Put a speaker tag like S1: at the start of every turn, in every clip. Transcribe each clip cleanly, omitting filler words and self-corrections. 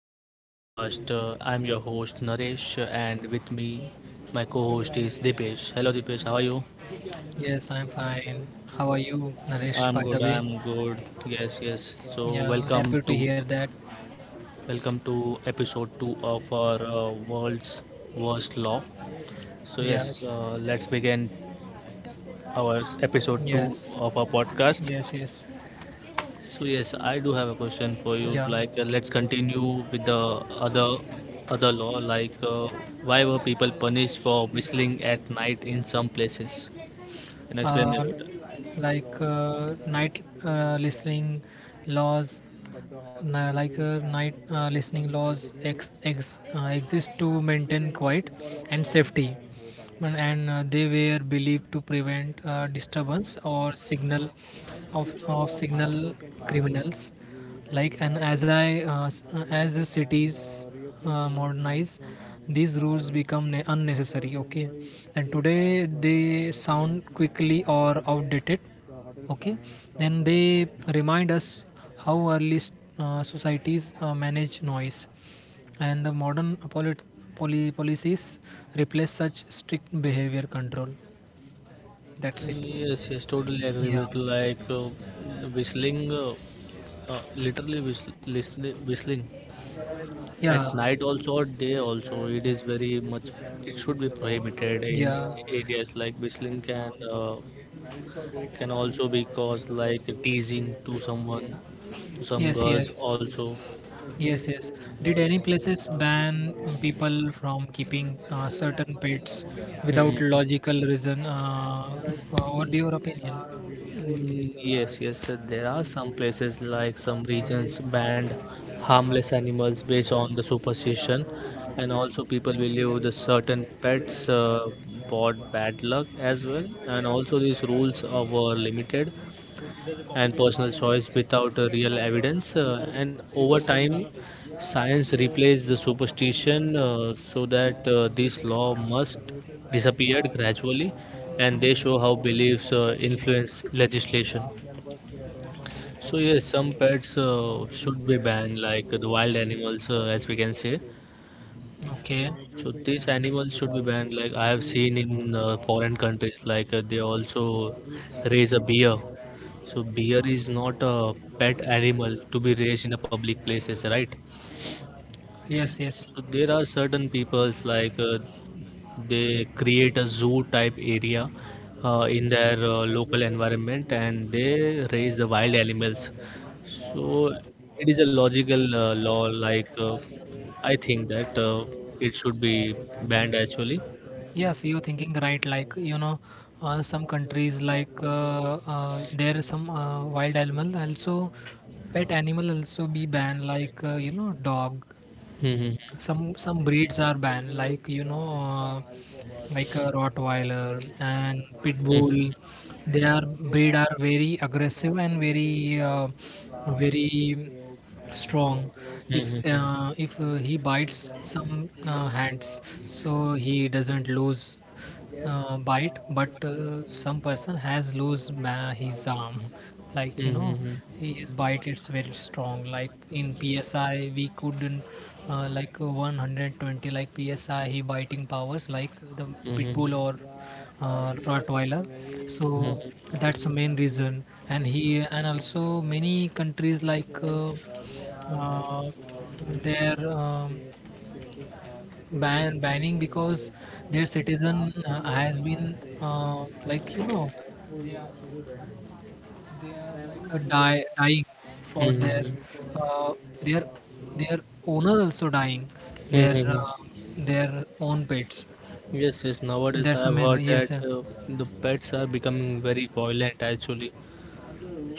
S1: another podcast. I'm your host Naresh, and with me, my co host is Dipesh. Hello, Dipesh. How are you? I'm good. I'm good. Yes, yes. So, welcome to episode two of our world's worst law. So, yes, let's begin our episode two of our podcast. So yes, I do have a question for you. Like, let's continue with the other other law. Like, why were people punished for whistling at night in some places? Can you explain me about that? Yes, yes, totally agree with like whistling, literally whistling at night also or day also. It is very much. It should be prohibited in areas like whistling can also be caused like teasing to someone to some girls also. Mhm. Yes, yes, there are some places like some regions banned harmless animals based on the superstition, and also people believe the certain pets brought bad luck as well, and also these rules are were limited and personal choice without real evidence. And over time, science replaced the superstition, so that this law must disappear gradually, and they show how beliefs influence legislation. So yes, some pets should be banned, like the wild animals, as we can say, so these animals should be banned. Like I have seen in foreign countries, like they also raise a bear. So bear is not a pet animal to be raised in the public places, right? So there are certain peoples like they create a zoo type area in their local environment, and they raise the wild animals. So it is a logical law. Like I think that it should be banned actually. Mhm, mhm, mhm, mhm, mhm, mhm,
S2: Like dying for their
S1: mhm,
S2: uh, their their owner also dying their uh,
S1: mhm.
S2: their own pets.
S1: Yes, yes. Nowadays, I
S2: That's
S1: have heard
S2: amazing, yes
S1: that
S2: sir.
S1: the pets are becoming very violent actually.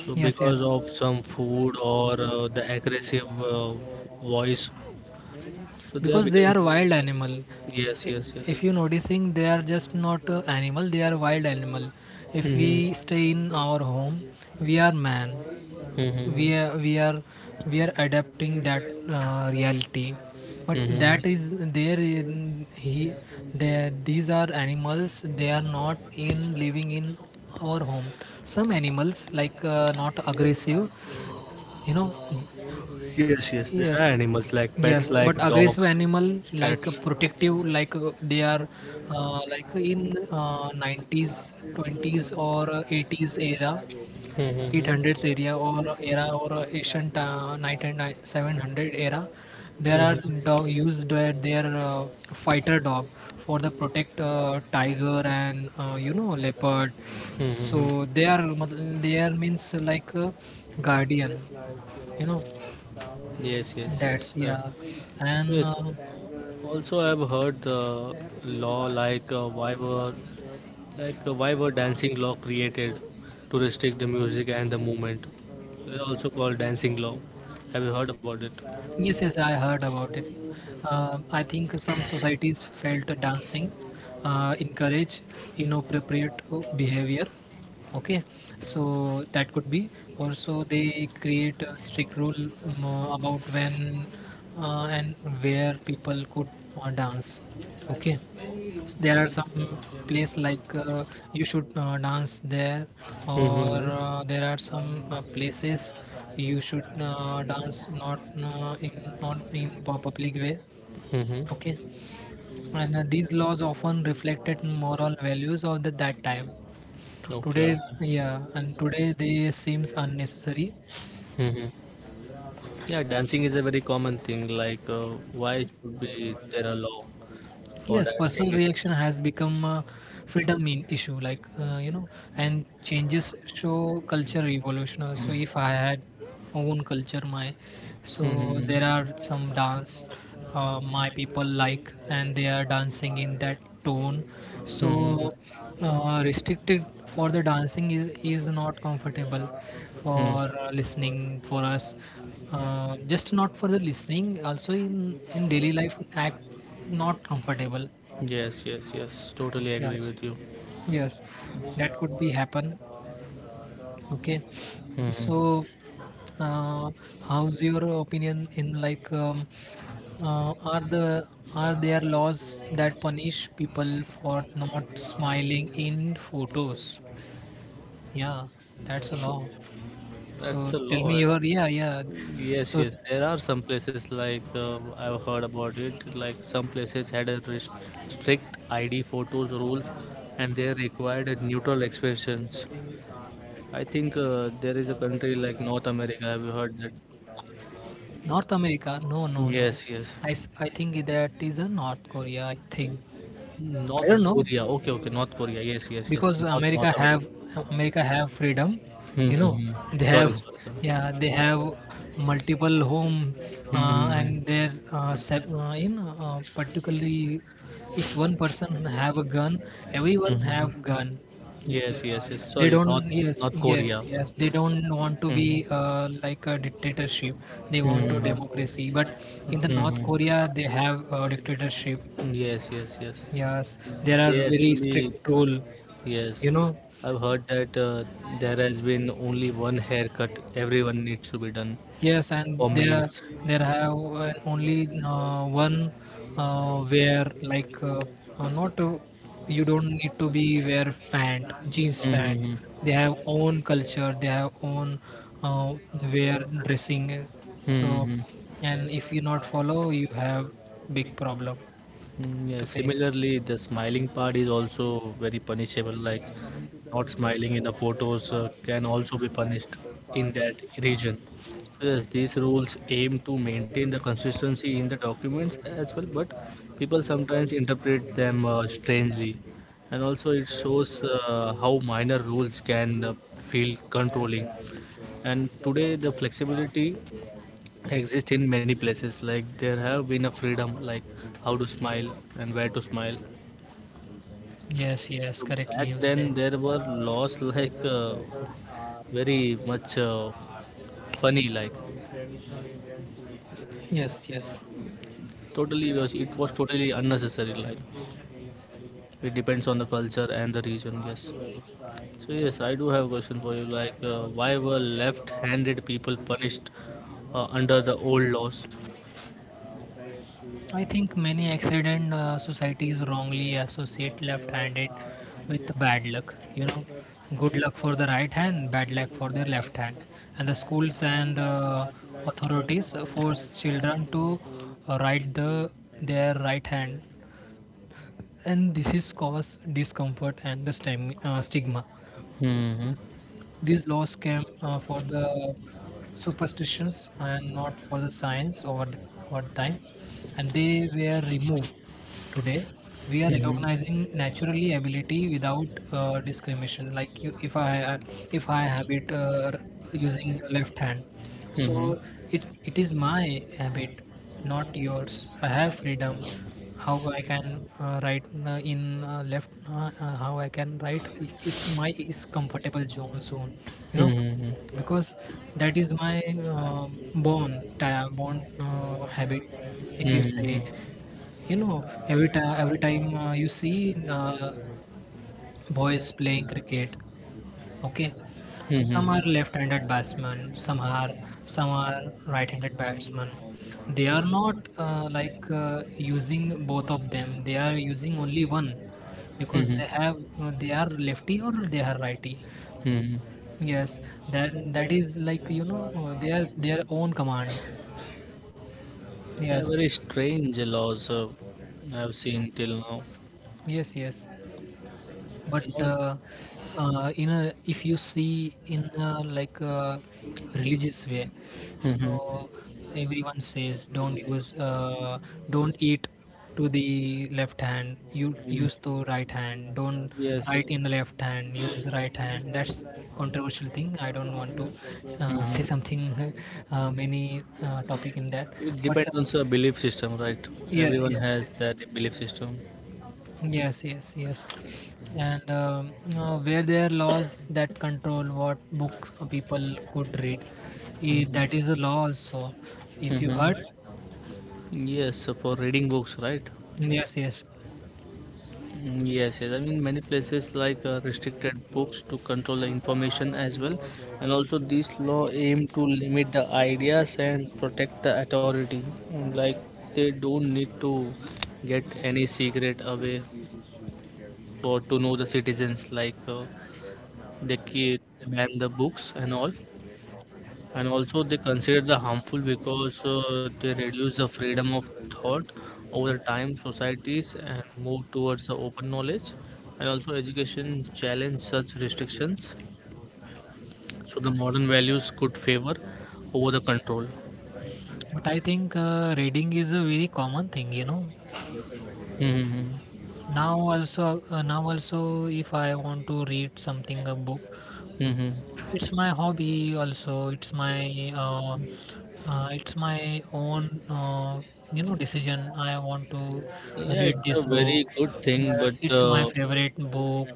S1: So,
S2: Yes, yes,
S1: because of some food or the aggressive voice, so they are
S2: because they
S1: becoming.
S2: are wild animal.
S1: Yes,
S2: I-
S1: yes, yes.
S2: if you noticing they are just not animal, they are wild animal. If
S1: Mhm,
S2: we stay in our home, we are man, we
S1: mhm,
S2: are we are we are adapting that reality. But
S1: mhm.
S2: that is there in he there, these are animals, they are not in living in our home. Some animals like not aggressive, you know
S1: Yes, yes. There are
S2: Yes,
S1: animals like pets,
S2: yes, but
S1: like
S2: aggressive
S1: dogs,
S2: animal like a
S1: cats.
S2: protective, like they are like in 90s, 20s or 80s era.
S1: Mhm,
S2: 800s area or era or ancient 9700 era,
S1: mhm,
S2: there
S1: mhm,
S2: are dog used where their fighter dog for the protect tiger and leopard. So
S1: mhm.
S2: they are means like guardian you know
S1: Yes, yes, yes.
S2: that's,
S1: Uh,
S2: yeah.
S1: so
S2: and
S1: yes.
S2: uh,
S1: Also, I've heard the law like why were dancing law created to restrict the music and the movement. It is also called dancing law. Have you heard about it?
S2: yes, yes, I heard about it. I think some societies felt dancing encourage inappropriate behavior. Okay, so that could be. Also, they create a strict rule about when and where people could dance. Okay, there are some place like you should dance there, or
S1: Mm-hmm.
S2: there are some places you should dance not, in not in public way.
S1: Mm-hmm.
S2: Okay, and these laws often reflected moral values of that time
S1: Okay,
S2: today.
S1: okay.
S2: Yeah, and today they seems unnecessary.
S1: Mm-hmm. Yeah, dancing is a very common thing. Like, why should be there a law for
S2: Yes, personal
S1: dancing itself?
S2: reaction has become a freedom in issue, like and changes show culture evolution. So if I had own culture, my, so there
S1: Mm-hmm.
S2: are some dance, my people like, and they are dancing in that tone, so
S1: Mm-hmm.
S2: restricted for the dancing is not comfortable for listening for us, just not for the listening, also in daily life act, not comfortable.
S1: Yes, yes, yes. Totally agree
S2: Yes,
S1: with you.
S2: yes, that could be happen. Okay, so
S1: Hmm.
S2: uh, how's your opinion in like uh, are the are there laws that punish people for not smiling in photos? Yeah, that's a long.
S1: That's
S2: So
S1: a
S2: tell me
S1: lot.
S2: your, yeah, yeah.
S1: Yes,
S2: So
S1: yes. There are some places like I've heard about it. Like some places had a strict ID photos rules, and they required a neutral expressions. I think there is a country like North America. Have you heard that?
S2: North America? No, no, no.
S1: Yes, yes.
S2: I think that is a North Korea. I think, I
S1: North
S2: don't know,
S1: Korea. Okay, okay. North Korea. Yes, yes, yes.
S2: because
S1: North
S2: America
S1: America.
S2: have America have freedom. You know,
S1: Mm-hmm.
S2: they
S1: Sorry,
S2: have,
S1: sorry, sorry.
S2: yeah, they have multiple home,
S1: Mm-hmm. Hmm.
S2: and their, you know, particularly if one person have a gun, everyone have
S1: Yes,
S2: gun.
S1: yes, yes.
S2: They
S1: Sorry,
S2: don't, yes,
S1: North Korea.
S2: yes, yes. They don't want to be
S1: Mm-hmm.
S2: like a dictatorship. They want to
S1: Mm-hmm.
S2: democracy. But in the North
S1: Mm-hmm.
S2: Korea, they have a dictatorship.
S1: Yes, yes, yes.
S2: Yes, there are
S1: They
S2: very
S1: actually,
S2: strict rule.
S1: yes.
S2: You know.
S1: I've heard that there has been only one haircut everyone needs to be done
S2: Yes, and
S1: for males.
S2: there have only one wear like, not, you don't need to be wear pant jeans pant.
S1: Mm-hmm.
S2: They have own culture. They have own uh, wear dressing. So,
S1: Mm-hmm.
S2: and if you not follow, you have big problem
S1: Yeah,
S2: to face.
S1: similarly, the smiling part is also very punishable. Like not smiling in the photos can also be punished in that region. Yes, these rules aim to maintain the consistency in the documents as well, but people sometimes interpret them strangely. And also, it shows how minor rules can feel controlling. And today, the flexibility exist in many places like there have been a freedom like how to smile and where to smile.
S2: Yes, yes,
S1: So back
S2: correctly you
S1: then
S2: said.
S1: there were laws like very much funny, like
S2: Yes, yes.
S1: it was totally unnecessary. Like it depends on the culture and the region, yes. So yes, I do have a question for you. Like, why were left-handed people punished under the old laws?
S2: I and think many accident societies wrongly associate flavors left-handed are with authentic bad luck. And you and know, also good luck for the right hand, bad luck for their left hand. And the, and schools I would and like to, like, authorities how force children to write their right hand, and this is cause discomfort and the stigma.
S1: Hmm,
S2: These laws came for the superstitions and not for the science, over over time, and they were removed. Today, we are
S1: hmm,
S2: recognizing naturally ability without discrimination. Like you, if I, if I habit using left hand,
S1: hmm,
S2: so it is my habit, not yours. I have freedom. How I can write in left. How I can write it, it my is comfortable zone. You know,
S1: hmm, hmm,
S2: because that is my, uh, born habit. If
S1: hmm,
S2: you say,
S1: hmm,
S2: every time you see boys playing cricket. Okay, so
S1: hmm,
S2: some are
S1: hmm.
S2: left-handed batsmen, some are right-handed batsmen. They are not like using both of them. They are using only one because
S1: Mhm,
S2: they have, they are lefty or they are righty.
S1: mhm.
S2: Yes, that is like, their own command.
S1: Yeah,
S2: Yes,
S1: very strange laws I've seen till now.
S2: yes, yes. But
S1: And also,
S2: in a if you see in a, like a religious way,
S1: mhm,
S2: so everyone says don't use, don't eat to the left hand, you use
S1: mhm,
S2: to right hand, don't
S1: yes, yes.
S2: write in the left hand, use right hand. That's controversial thing, I don't want to say
S1: Mhm.
S2: something many topic in that.
S1: It
S2: But
S1: depends on the belief system, right?
S2: yes,
S1: Everyone
S2: yes, yes.
S1: has that belief system.
S2: Yes, yes, yes. And where there are laws that control what books people could read, that is
S1: Mhm,
S2: a law also. If you heard,
S1: mhm. Yes, so for reading books, right?
S2: yes, yes.
S1: Yes, yes. I mean, many places like restricted books to control the information as well, and also this law aim to limit the ideas and protect the authority. Like they don't need to get any secret away for to know the citizens. Like they keep ban the books and all, and also they consider the harmful because they reduce the freedom of thought over the time societies and move towards the open knowledge, and also education challenge such restrictions, so the modern values could favor over the control.
S2: But I think reading is a very common thing.
S1: Hmm,
S2: Now also, if I want to read something, a book,
S1: hmm.
S2: it's my hobby also. It's my own, decision. I want to
S1: Yeah,
S2: read
S1: it's a
S2: this book.
S1: very good thing,
S2: Yeah,
S1: but
S2: it's my favorite book.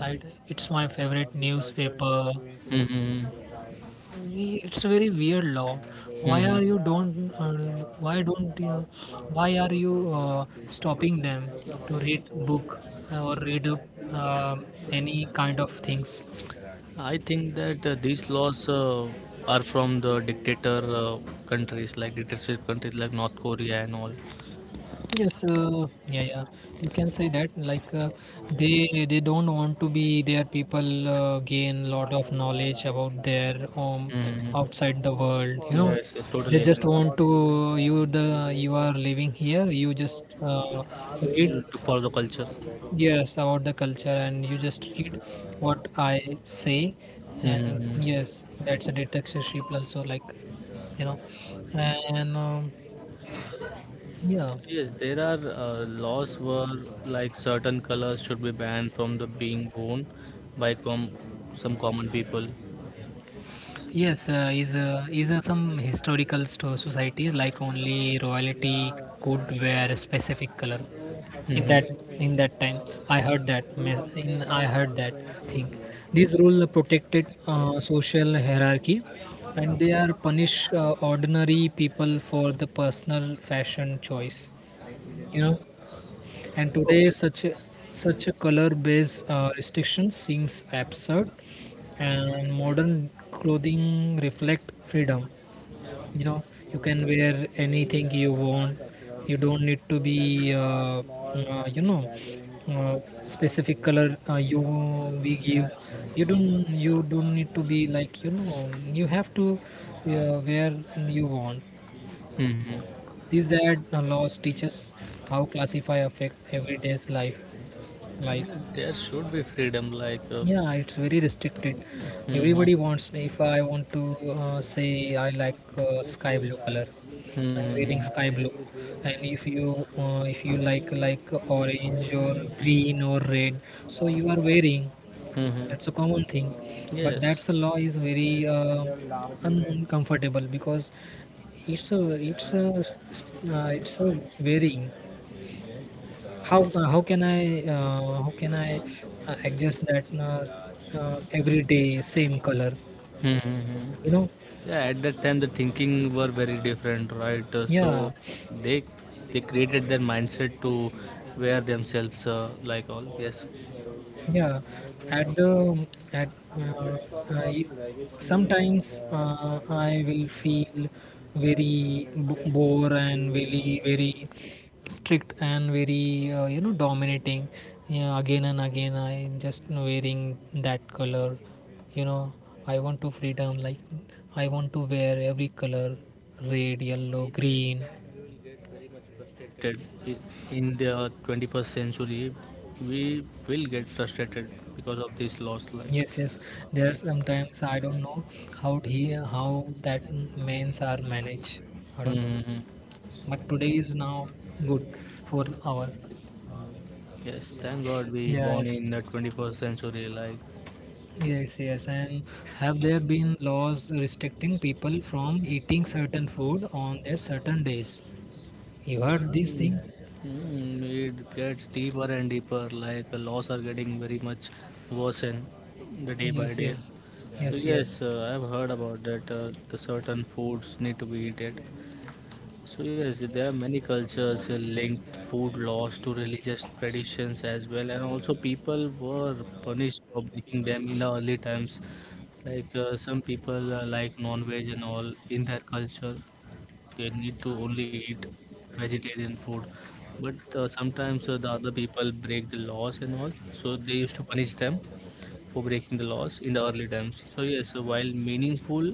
S2: Right? It's my favorite newspaper.
S1: hmm,
S2: It's very weird law. Why
S1: hmm,
S2: are you don't uh, why don't you Why are you uh, stopping them to read book, or read uh, any kind of things?
S1: I think that these laws are from the dictator countries, like dictatorship countries like North Korea and all.
S2: Yes, yeah, yeah. You can say that like, they don't want to be their people gain lot of knowledge about their,
S1: Mhm.
S2: outside the world. You know,
S1: Yes, yes,
S2: they
S1: totally
S2: just
S1: agree.
S2: want to, you, the you are living here. You just read,
S1: You- To follow the culture.
S2: yes, about the culture, and you just read what I say, and
S1: Mm-hmm.
S2: yes, that's a dictatorship also, like, you know, and yeah.
S1: Yes, there are laws where like certain colors should be banned from the being worn by some common people.
S2: Yes, is some historical societies like only royalty could wear a specific color. In
S1: Mm-hmm.
S2: that in that time, I heard that, mes- in I heard that thing. These rule protected social hierarchy, and they are punish ordinary people for the personal fashion choice. You know, and today
S1: Okay.
S2: such a- color-based restriction seems absurd, and modern clothing reflect freedom. you know you can wear anything you want. You don't need to be, uh, you know uh, specific color, you we give you don't need to be, you have to where you want.
S1: Mm-hmm.
S2: These ad laws teach us how classify affect everyday's life, like.
S1: There should be freedom, like.
S2: Yeah, it's very restricted.
S1: Mm-hmm.
S2: Everybody wants, if I want to say I like sky blue color, I'm
S1: Mm-hmm.
S2: wearing sky blue. And if you like orange or green or red, so you are wearing. That's a common thing, but
S1: Yes.
S2: that's a law is very, uncomfortable, because it's a varying. How can I adjust that, every day same color?
S1: Hmm, hmm,
S2: You
S1: hmm.
S2: know,
S1: Yeah, at that time the thinking were very different, right? Uh,
S2: yeah.
S1: So they they created their mindset to wear themselves like all. Yes,
S2: Yeah, at the at uh, I, sometimes I will feel very bore and very very strict and very, dominating. Yeah, again and again I'm just wearing that color, you know I want to freedom, like I want to wear every color, red, yellow, green.
S1: that i- in the 21st century, we will get frustrated because of this loss. Like,
S2: Yes, yes. There are sometimes I don't know, how that mains are managed. I
S1: hmm,
S2: don't know.
S1: hmm, hmm,
S2: But today is now good for our.
S1: yes, thank God we born
S2: Yes,
S1: in the 21st century. Like,
S2: yes, yes. And have there been laws restricting people from eating certain food on their certain days? You heard this thing?
S1: it gets deeper and deeper. Like the laws are getting very much worse and the day by
S2: Yes,
S1: day.
S2: yes,
S1: So
S2: yes, yes.
S1: yes, I've heard about that. The certain foods need to be eaten. So yes, there are many cultures linked food laws to religious traditions as well, and also people were punished for breaking them in the early times. Like some people like non-veg and all in their culture, they need to only eat vegetarian food. But sometimes the other people break the laws and all, so they used to punish them for breaking the laws in the early times. So yes, while meaningful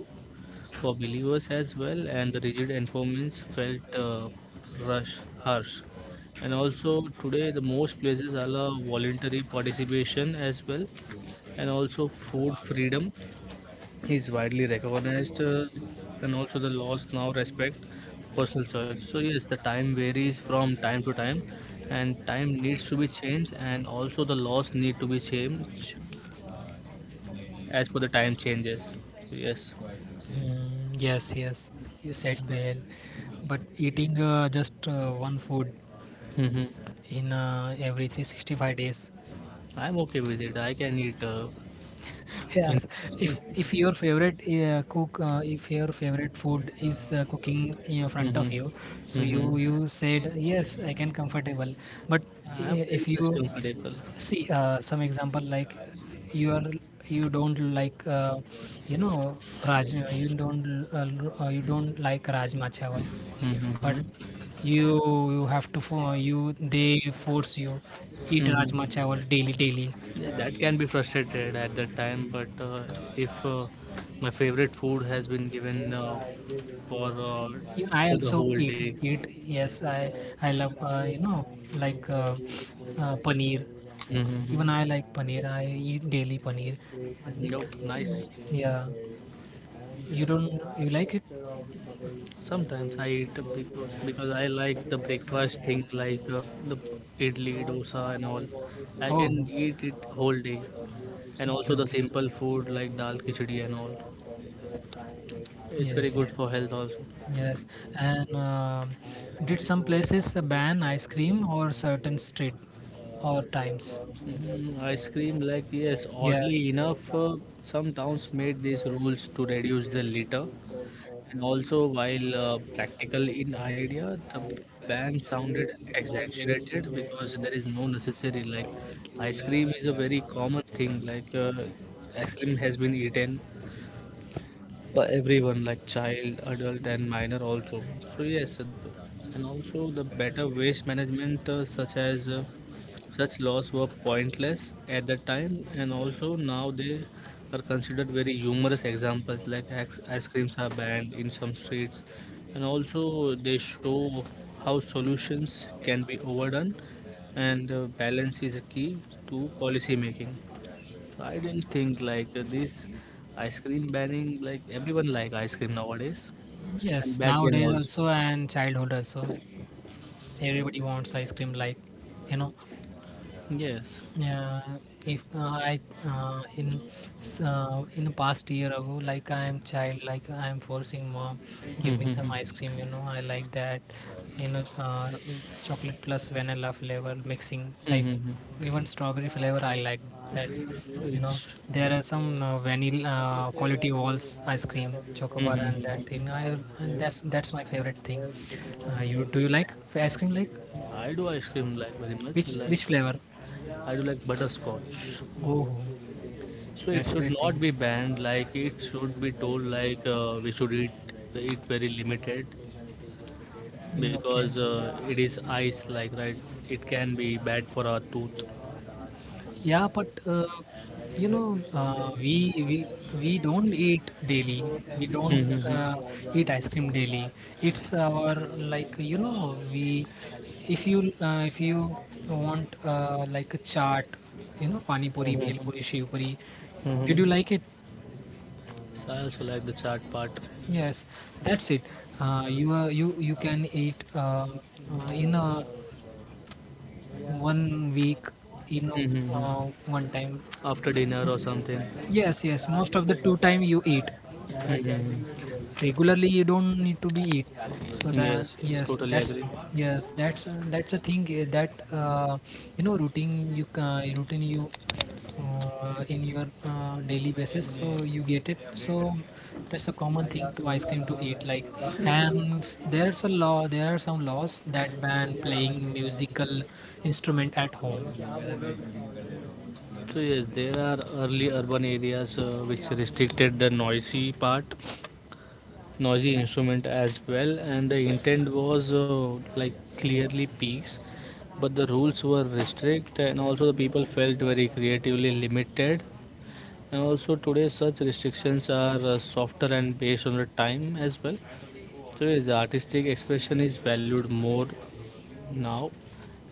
S1: for believers as well, and the rigid enforcement felt rush, harsh. And also today, the most places allow voluntary participation as well, and also food freedom is widely recognized, and also the laws now respect personal choice. So yes, the time varies from time to time, and time needs to be changed, and also the laws need to be changed as per the time changes. So, yes.
S2: Mm, yes, yes. You said well. But eating, just one food
S1: Hmm.
S2: in every 365 days.
S1: I'm okay with it. I can eat In,
S2: Yes, if your favorite cook, if your favorite food is cooking in front of you,
S1: mm-hmm,
S2: so you
S1: mm-hmm.
S2: you said yes, I can comfortable. But
S1: I'm
S2: if
S1: very much
S2: you
S1: comfortable.
S2: see some example, like you are you don't like, you know rajma, you don't like rajma chawal, but
S1: Mm-hmm,
S2: you you have to fo- you they force you eat rajma
S1: mm-hmm.
S2: chawal daily daily.
S1: That can be frustrated at that time, but if my favorite food has been given for uh,
S2: Yeah, I
S1: for the
S2: also
S1: whole
S2: eat
S1: day.
S2: it. Yes, I love, like uh, paneer. Even
S1: Mm-hmm.
S2: I like paneer. I eat daily paneer. But,
S1: Nope, nice.
S2: yeah, you don't you like it?
S1: Sometimes I eat because I like the breakfast thing like the idli, dosa, and all. I
S2: Oh,
S1: can eat it whole day, and also
S2: okay,
S1: the
S2: okay.
S1: simple food like dal, khichdi, and all. It's very
S2: Yes,
S1: good for
S2: yes,
S1: health also.
S2: yes. And did some places ban ice cream or certain street or times?
S1: Ice cream, like, yes, oddly
S2: Yes,
S1: enough, some towns made these rules to reduce the litter. And also, while practical in idea, the ban sounded exaggerated because there is no necessary. Like, ice cream is a very common thing. Like, ice cream has been eaten by everyone, like child, adult, and minor also. So, yes, and also the better waste management, such laws were pointless at the time, and also now they are considered very humorous examples. Like ice creams are banned in some streets, and also they show how solutions can be overdone, and balance is a key to policy making. So I didn't think like this ice cream banning. Like everyone like ice cream nowadays, and
S2: yes.
S1: back then
S2: Nowadays also
S1: also.
S2: and childhood also, everybody wants ice cream, like, you know.
S1: Yes.
S2: Yeah, if I uh, in in past year ago, like I am child, like I am forcing mom, give me some ice
S1: Mm-hmm.
S2: cream. You know, I like that. You know, chocolate plus vanilla flavor mixing type,
S1: Mm-hmm.
S2: even strawberry flavor. I like that. You know,
S1: Which.
S2: there are some vanilla quality walls ice cream, chocobar and that thing. I and That's my favorite thing. You like ice cream? Like
S1: I do ice cream like very much.
S2: which
S1: Like
S2: which flavor?
S1: I do like butterscotch.
S2: Oh,
S1: So it
S2: that's
S1: should
S2: great thing.
S1: not be banned. Like it should be told like we should eat very limited
S2: Mm, okay.
S1: because it is ice. Like right, it can be bad for our tooth.
S2: Yeah, but you know, uh, we we don't eat daily. We don't
S1: Mhm.
S2: uh, eat ice cream daily. It's our like we if you want like a chaat, you know, pani puri, bhel
S1: Mhm.
S2: puri, shiv puri. Did you
S1: Hmm.
S2: like it?
S1: So I also like the chaat part.
S2: Yes, that's it. You you can eat in a 1 week you know
S1: Mhm.
S2: one time.
S1: After dinner or something.
S2: Yes, most of the two time you eat
S1: Mhm.
S2: regularly, you don't need to be eat, so the
S1: Yes, yes,
S2: yes
S1: totally
S2: that's,
S1: agree.
S2: yes that's a thing that you know routine you in your daily basis, so you get it. So that's a common thing to ice cream to eat, like. And there's a law, there are some laws that ban playing musical instrument at home.
S1: So yes, there are early urban areas which restricted the noisy part, noisy instrument as well, and the intent was like clearly peace, but the rules were restrict, and also the people felt very creatively limited. And also today, such restrictions are softer and based on the time as well. So yes, the artistic expression is valued more now,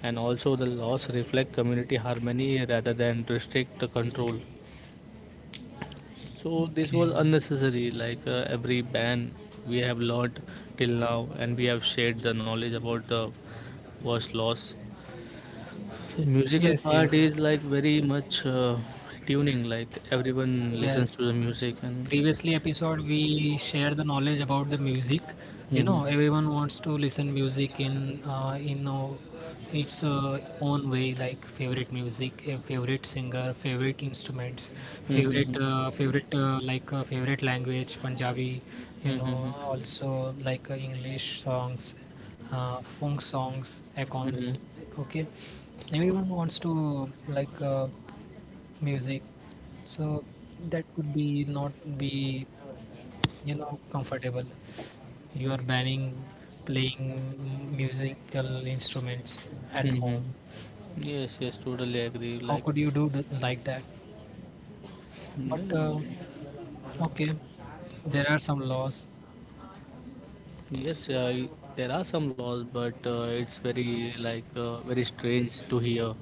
S1: and also the laws reflect community harmony rather than restrict the control. So this was
S2: Okay.
S1: unnecessary. Like every ban, we have learnt till now, and we have shared the knowledge about the worst loss. So musical
S2: Yes,
S1: part
S2: yes,
S1: is like very much tuning. Like everyone listens
S2: yes.
S1: to the music, and
S2: Previously episode we shared the knowledge about the music. You
S1: Mhm.
S2: know, everyone wants to listen music in its own way, like favorite music, a favorite singer, favorite instruments,
S1: Mhm.
S2: favorite language, Punjabi. You
S1: Mhm.
S2: know,
S1: Mhm.
S2: also like English songs, funk songs,
S1: Mhm.
S2: accounts. Okay, everyone wants to like. Music, so that could be not be, you know, comfortable. You are banning playing musical instruments at
S1: Mhm.
S2: home.
S1: Yes, yes, totally agree.
S2: How
S1: Like,
S2: could you do like that? But
S1: mm,
S2: okay, there are some laws.
S1: yes, yeah, I- there are some laws, but it's very like very strange to hear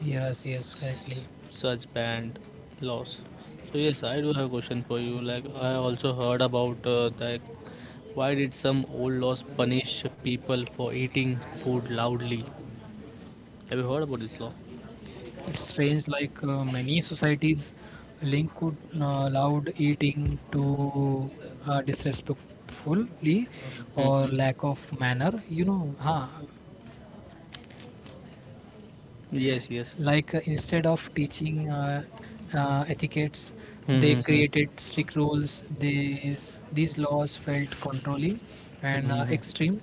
S2: Yes, yes, correctly.
S1: such banned laws. So yes, I do have a question for you. Like, I also heard about like why did some old laws punish people for eating food loudly? Have you heard about this law?
S2: It's strange, like many societies link could allowed eating to disrespectfully or
S1: Mhm.
S2: lack of manner, you know, huh,
S1: Yes, yes.
S2: like instead of teaching etiquettes, they
S1: Hmm. Hmm.
S2: created strict rules. These laws felt controlling
S1: Hmm.
S2: and
S1: Hmm. Hmm.
S2: extreme.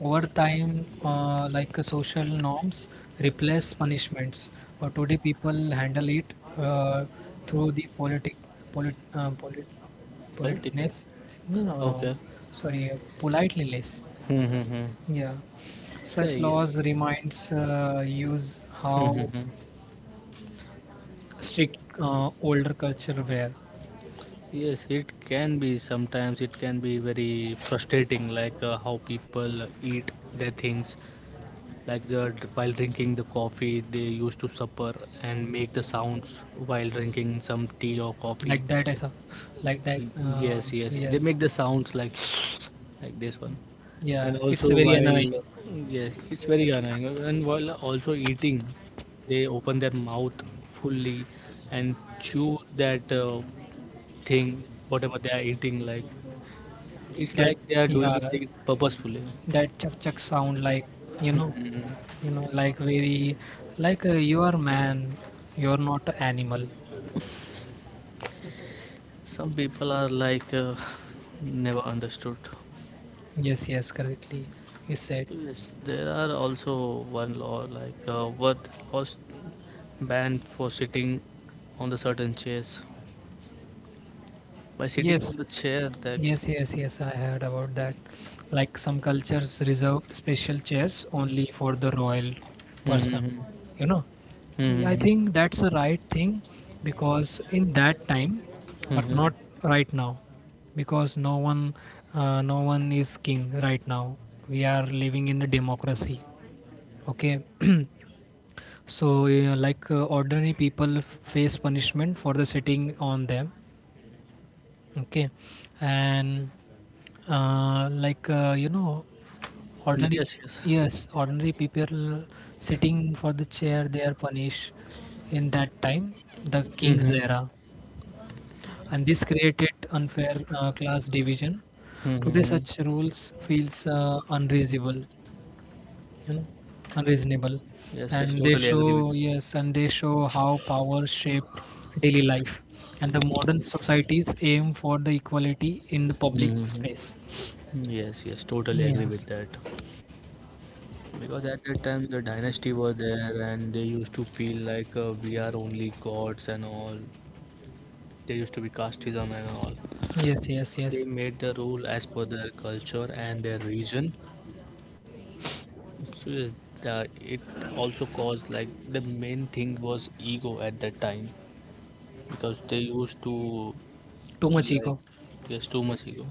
S2: Over time like social norms replace punishments, or today people handle it through the polit, uh, polit,
S1: Politics.
S2: politeness. No, no, no,
S1: Okay.
S2: sorry, politely less.
S1: Hmm. Hmm. Hmm.
S2: Yeah, such
S1: Say.
S2: laws reminds use
S1: Hmm.
S2: how
S1: Hmm.
S2: strict older culture wear.
S1: Yes, it can be sometimes it can be very frustrating, like how people eat their things. Like the, while drinking the coffee, they used to supper and make the sounds while drinking some tea or coffee.
S2: Like that I saw, like that,
S1: Yes, yes. They
S2: yes.
S1: make the sounds like like this one. Yeah,
S2: Yeah,
S1: and it's
S2: it's
S1: also very
S2: very annoying.
S1: while annoying. Yes, it's very annoying. And while also eating, they open their mouth fully and chew that thing, whatever they are eating. Like it's
S2: That,
S1: like they are
S2: yeah,
S1: doing it purposefully.
S2: that chuck chuck sound, like, you know, you know, like very, like you are man, you are not an animal.
S1: Some people are like never understood.
S2: Yes, yes, correctly you said.
S1: Yes, there are also one law like worth lost ban for sitting on the certain chairs. By sitting
S2: Yes.
S1: on the chair that.
S2: Yes, yes, yes, I heard about that. Like some cultures reserve special chairs only for the royal person,
S1: Mm-hmm.
S2: you know. Yeah, I
S1: Mm-hmm.
S2: think that's a right thing because in that time, but
S1: Mm-hmm.
S2: not right now, because no one, no one is king right now. We are living in a democracy. Okay, so like ordinary people face punishment for the sitting on them. Okay. And like you know ordinary,
S1: Yes, yes.
S2: yes, ordinary people sitting for the chair, they are punished in that time, the king's
S1: Mm-hmm.
S2: era. And this created unfair class division. Today
S1: Mm-hmm.
S2: such rules feels unreasonable, you know, unreasonable.
S1: Yes, yes.
S2: And they
S1: Totally
S2: show,
S1: agree with.
S2: yes, and they show how power shaped daily life, and the modern societies aim for the equality in the public
S1: Mm-hmm.
S2: space.
S1: Yes, yes. Totally agree
S2: Yes,
S1: with that. Because at that time the dynasty were there and they used to feel like we are only gods and all. They used to be casteism and all.
S2: yes, yes.
S1: So they
S2: Yes,
S1: made the rule as per their culture and their region, so yes, the, it also caused like the main thing was ego at that time because they used to,
S2: too much
S1: like
S2: ego
S1: yes, too much ego.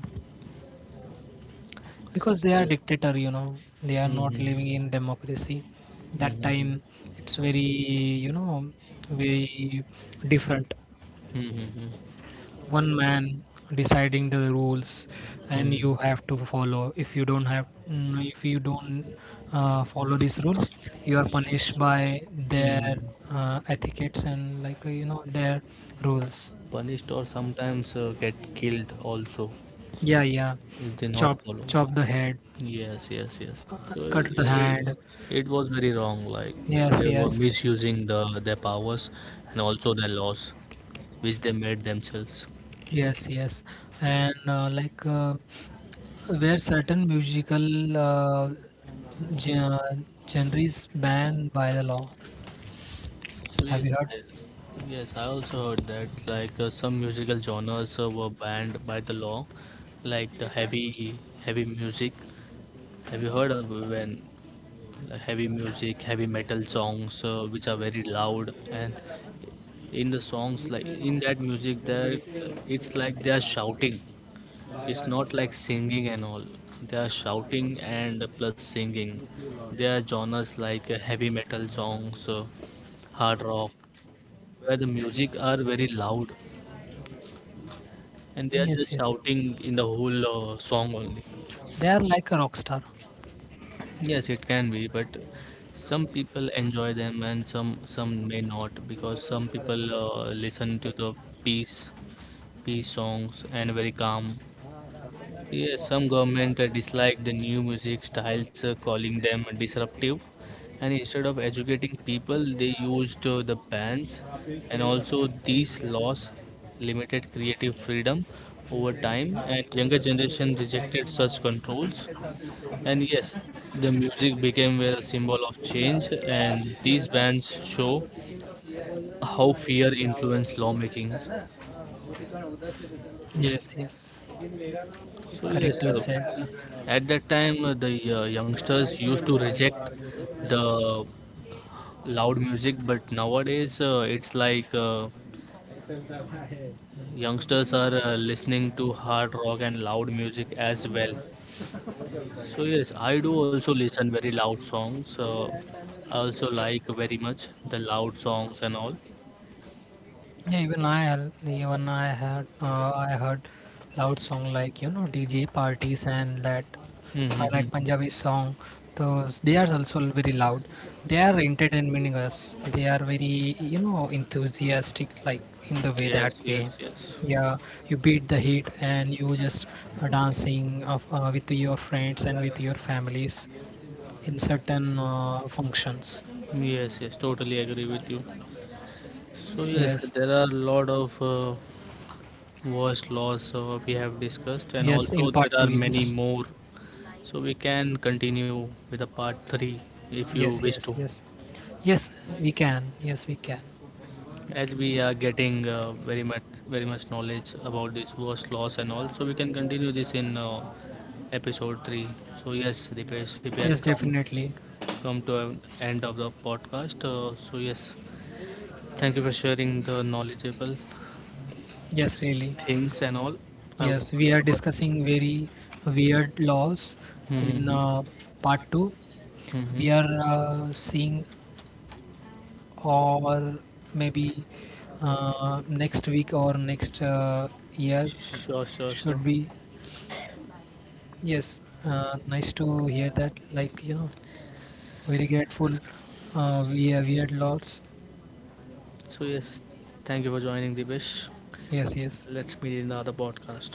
S2: because they are dictator, you know, they are not
S1: Mm-hmm.
S2: living in democracy that time.
S1: Mm-hmm.
S2: It's very, you know, very different.
S1: Mm-hmm.
S2: One man deciding the rules, and
S1: Mm-hmm.
S2: you have to follow. If you don't have, mm, if you don't follow this rule, you are punished by their
S1: Mm-hmm.
S2: etiquettes and, like, you know, their rules.
S1: Punished or sometimes get killed also
S2: Yeah, yeah,
S1: if they
S2: chop,
S1: not follow.
S2: chop the head,
S1: Yes, yes, yes.
S2: uh,
S1: So
S2: cut the
S1: it,
S2: hand.
S1: it was very wrong. Like
S2: Yes,
S1: they were
S2: yes,
S1: misusing the their powers and also their laws, which they made themselves.
S2: yes. Yes, and like where certain musical genres banned by the law?
S1: So
S2: Have you heard?
S1: I- yes. I also heard that like some musical genres were banned by the law, like the heavy music. Have you heard of when heavy music, heavy metal songs, which are very loud and in the songs like in that music that it's like they are shouting. It's not like singing and all. They are shouting and plus singing. There are genres like heavy metal songs, hard rock, where the music are very loud and they are
S2: Yes,
S1: just
S2: yes.
S1: shouting in the whole song only.
S2: They are like a rock star.
S1: Yes, it can be, but some people enjoy them and some may not because some people listen to the peace peace songs and very calm. Yes, some government dislike the new music styles, calling them disruptive. And instead of educating people, they used the bans. And also, these laws limited creative freedom over time, and younger generation rejected such controls. And yes, the music became a symbol of change, and these bans show how fear influenced lawmaking.
S2: Yes, yes.
S1: So
S2: Correct,
S1: yes,
S2: you said.
S1: at that time the youngsters used to reject the loud music, but nowadays it's like youngsters are listening to hard rock and loud music as well. So yes, I do also listen very loud songs. I also like very much the loud songs and all.
S2: Yeah, even I even I had I heard loud song, like, you know, DJ parties and that. I
S1: Mm-hmm.
S2: like Punjabi song. Those, they are also very loud. They are entertaining us. They are very, you know, enthusiastic, like in the way
S1: Yes,
S2: that way.
S1: yes, yes,
S2: Yeah, you beat the heat, and you just are dancing of, with your friends and with your families in certain functions.
S1: yes, yes. Totally agree with you. So yes,
S2: Yes,
S1: there are a lot of worst laws we have discussed, and
S2: yes, in
S1: also
S2: part
S1: there
S2: two,
S1: are many
S2: yes,
S1: more. So we can continue with the part three if you
S2: yes,
S1: wish
S2: yes,
S1: to,
S2: yes. Yes, we can. Yes, we can.
S1: as we are getting very much knowledge about this worst laws and all. So we can continue this in episode three. So yes, Dipesh, we have
S2: Yes,
S1: come
S2: definitely.
S1: come to an end of the podcast, so yes, thank you for sharing the knowledgeable.
S2: Yes, really.
S1: Things and all. I would
S2: Yes, we
S1: learn
S2: are
S1: a lot.
S2: discussing very weird laws in
S1: Mm-hmm.
S2: part two.
S1: Mm-hmm.
S2: We are seeing, or maybe next week or next year
S1: Sure, sure, sure.
S2: should be. Yes, nice to hear that. Like, you know, very grateful. We are weird laws.
S1: So yes, thank you for joining, Dibesh.
S2: Yes, yes.
S1: Let's meet in the other podcast.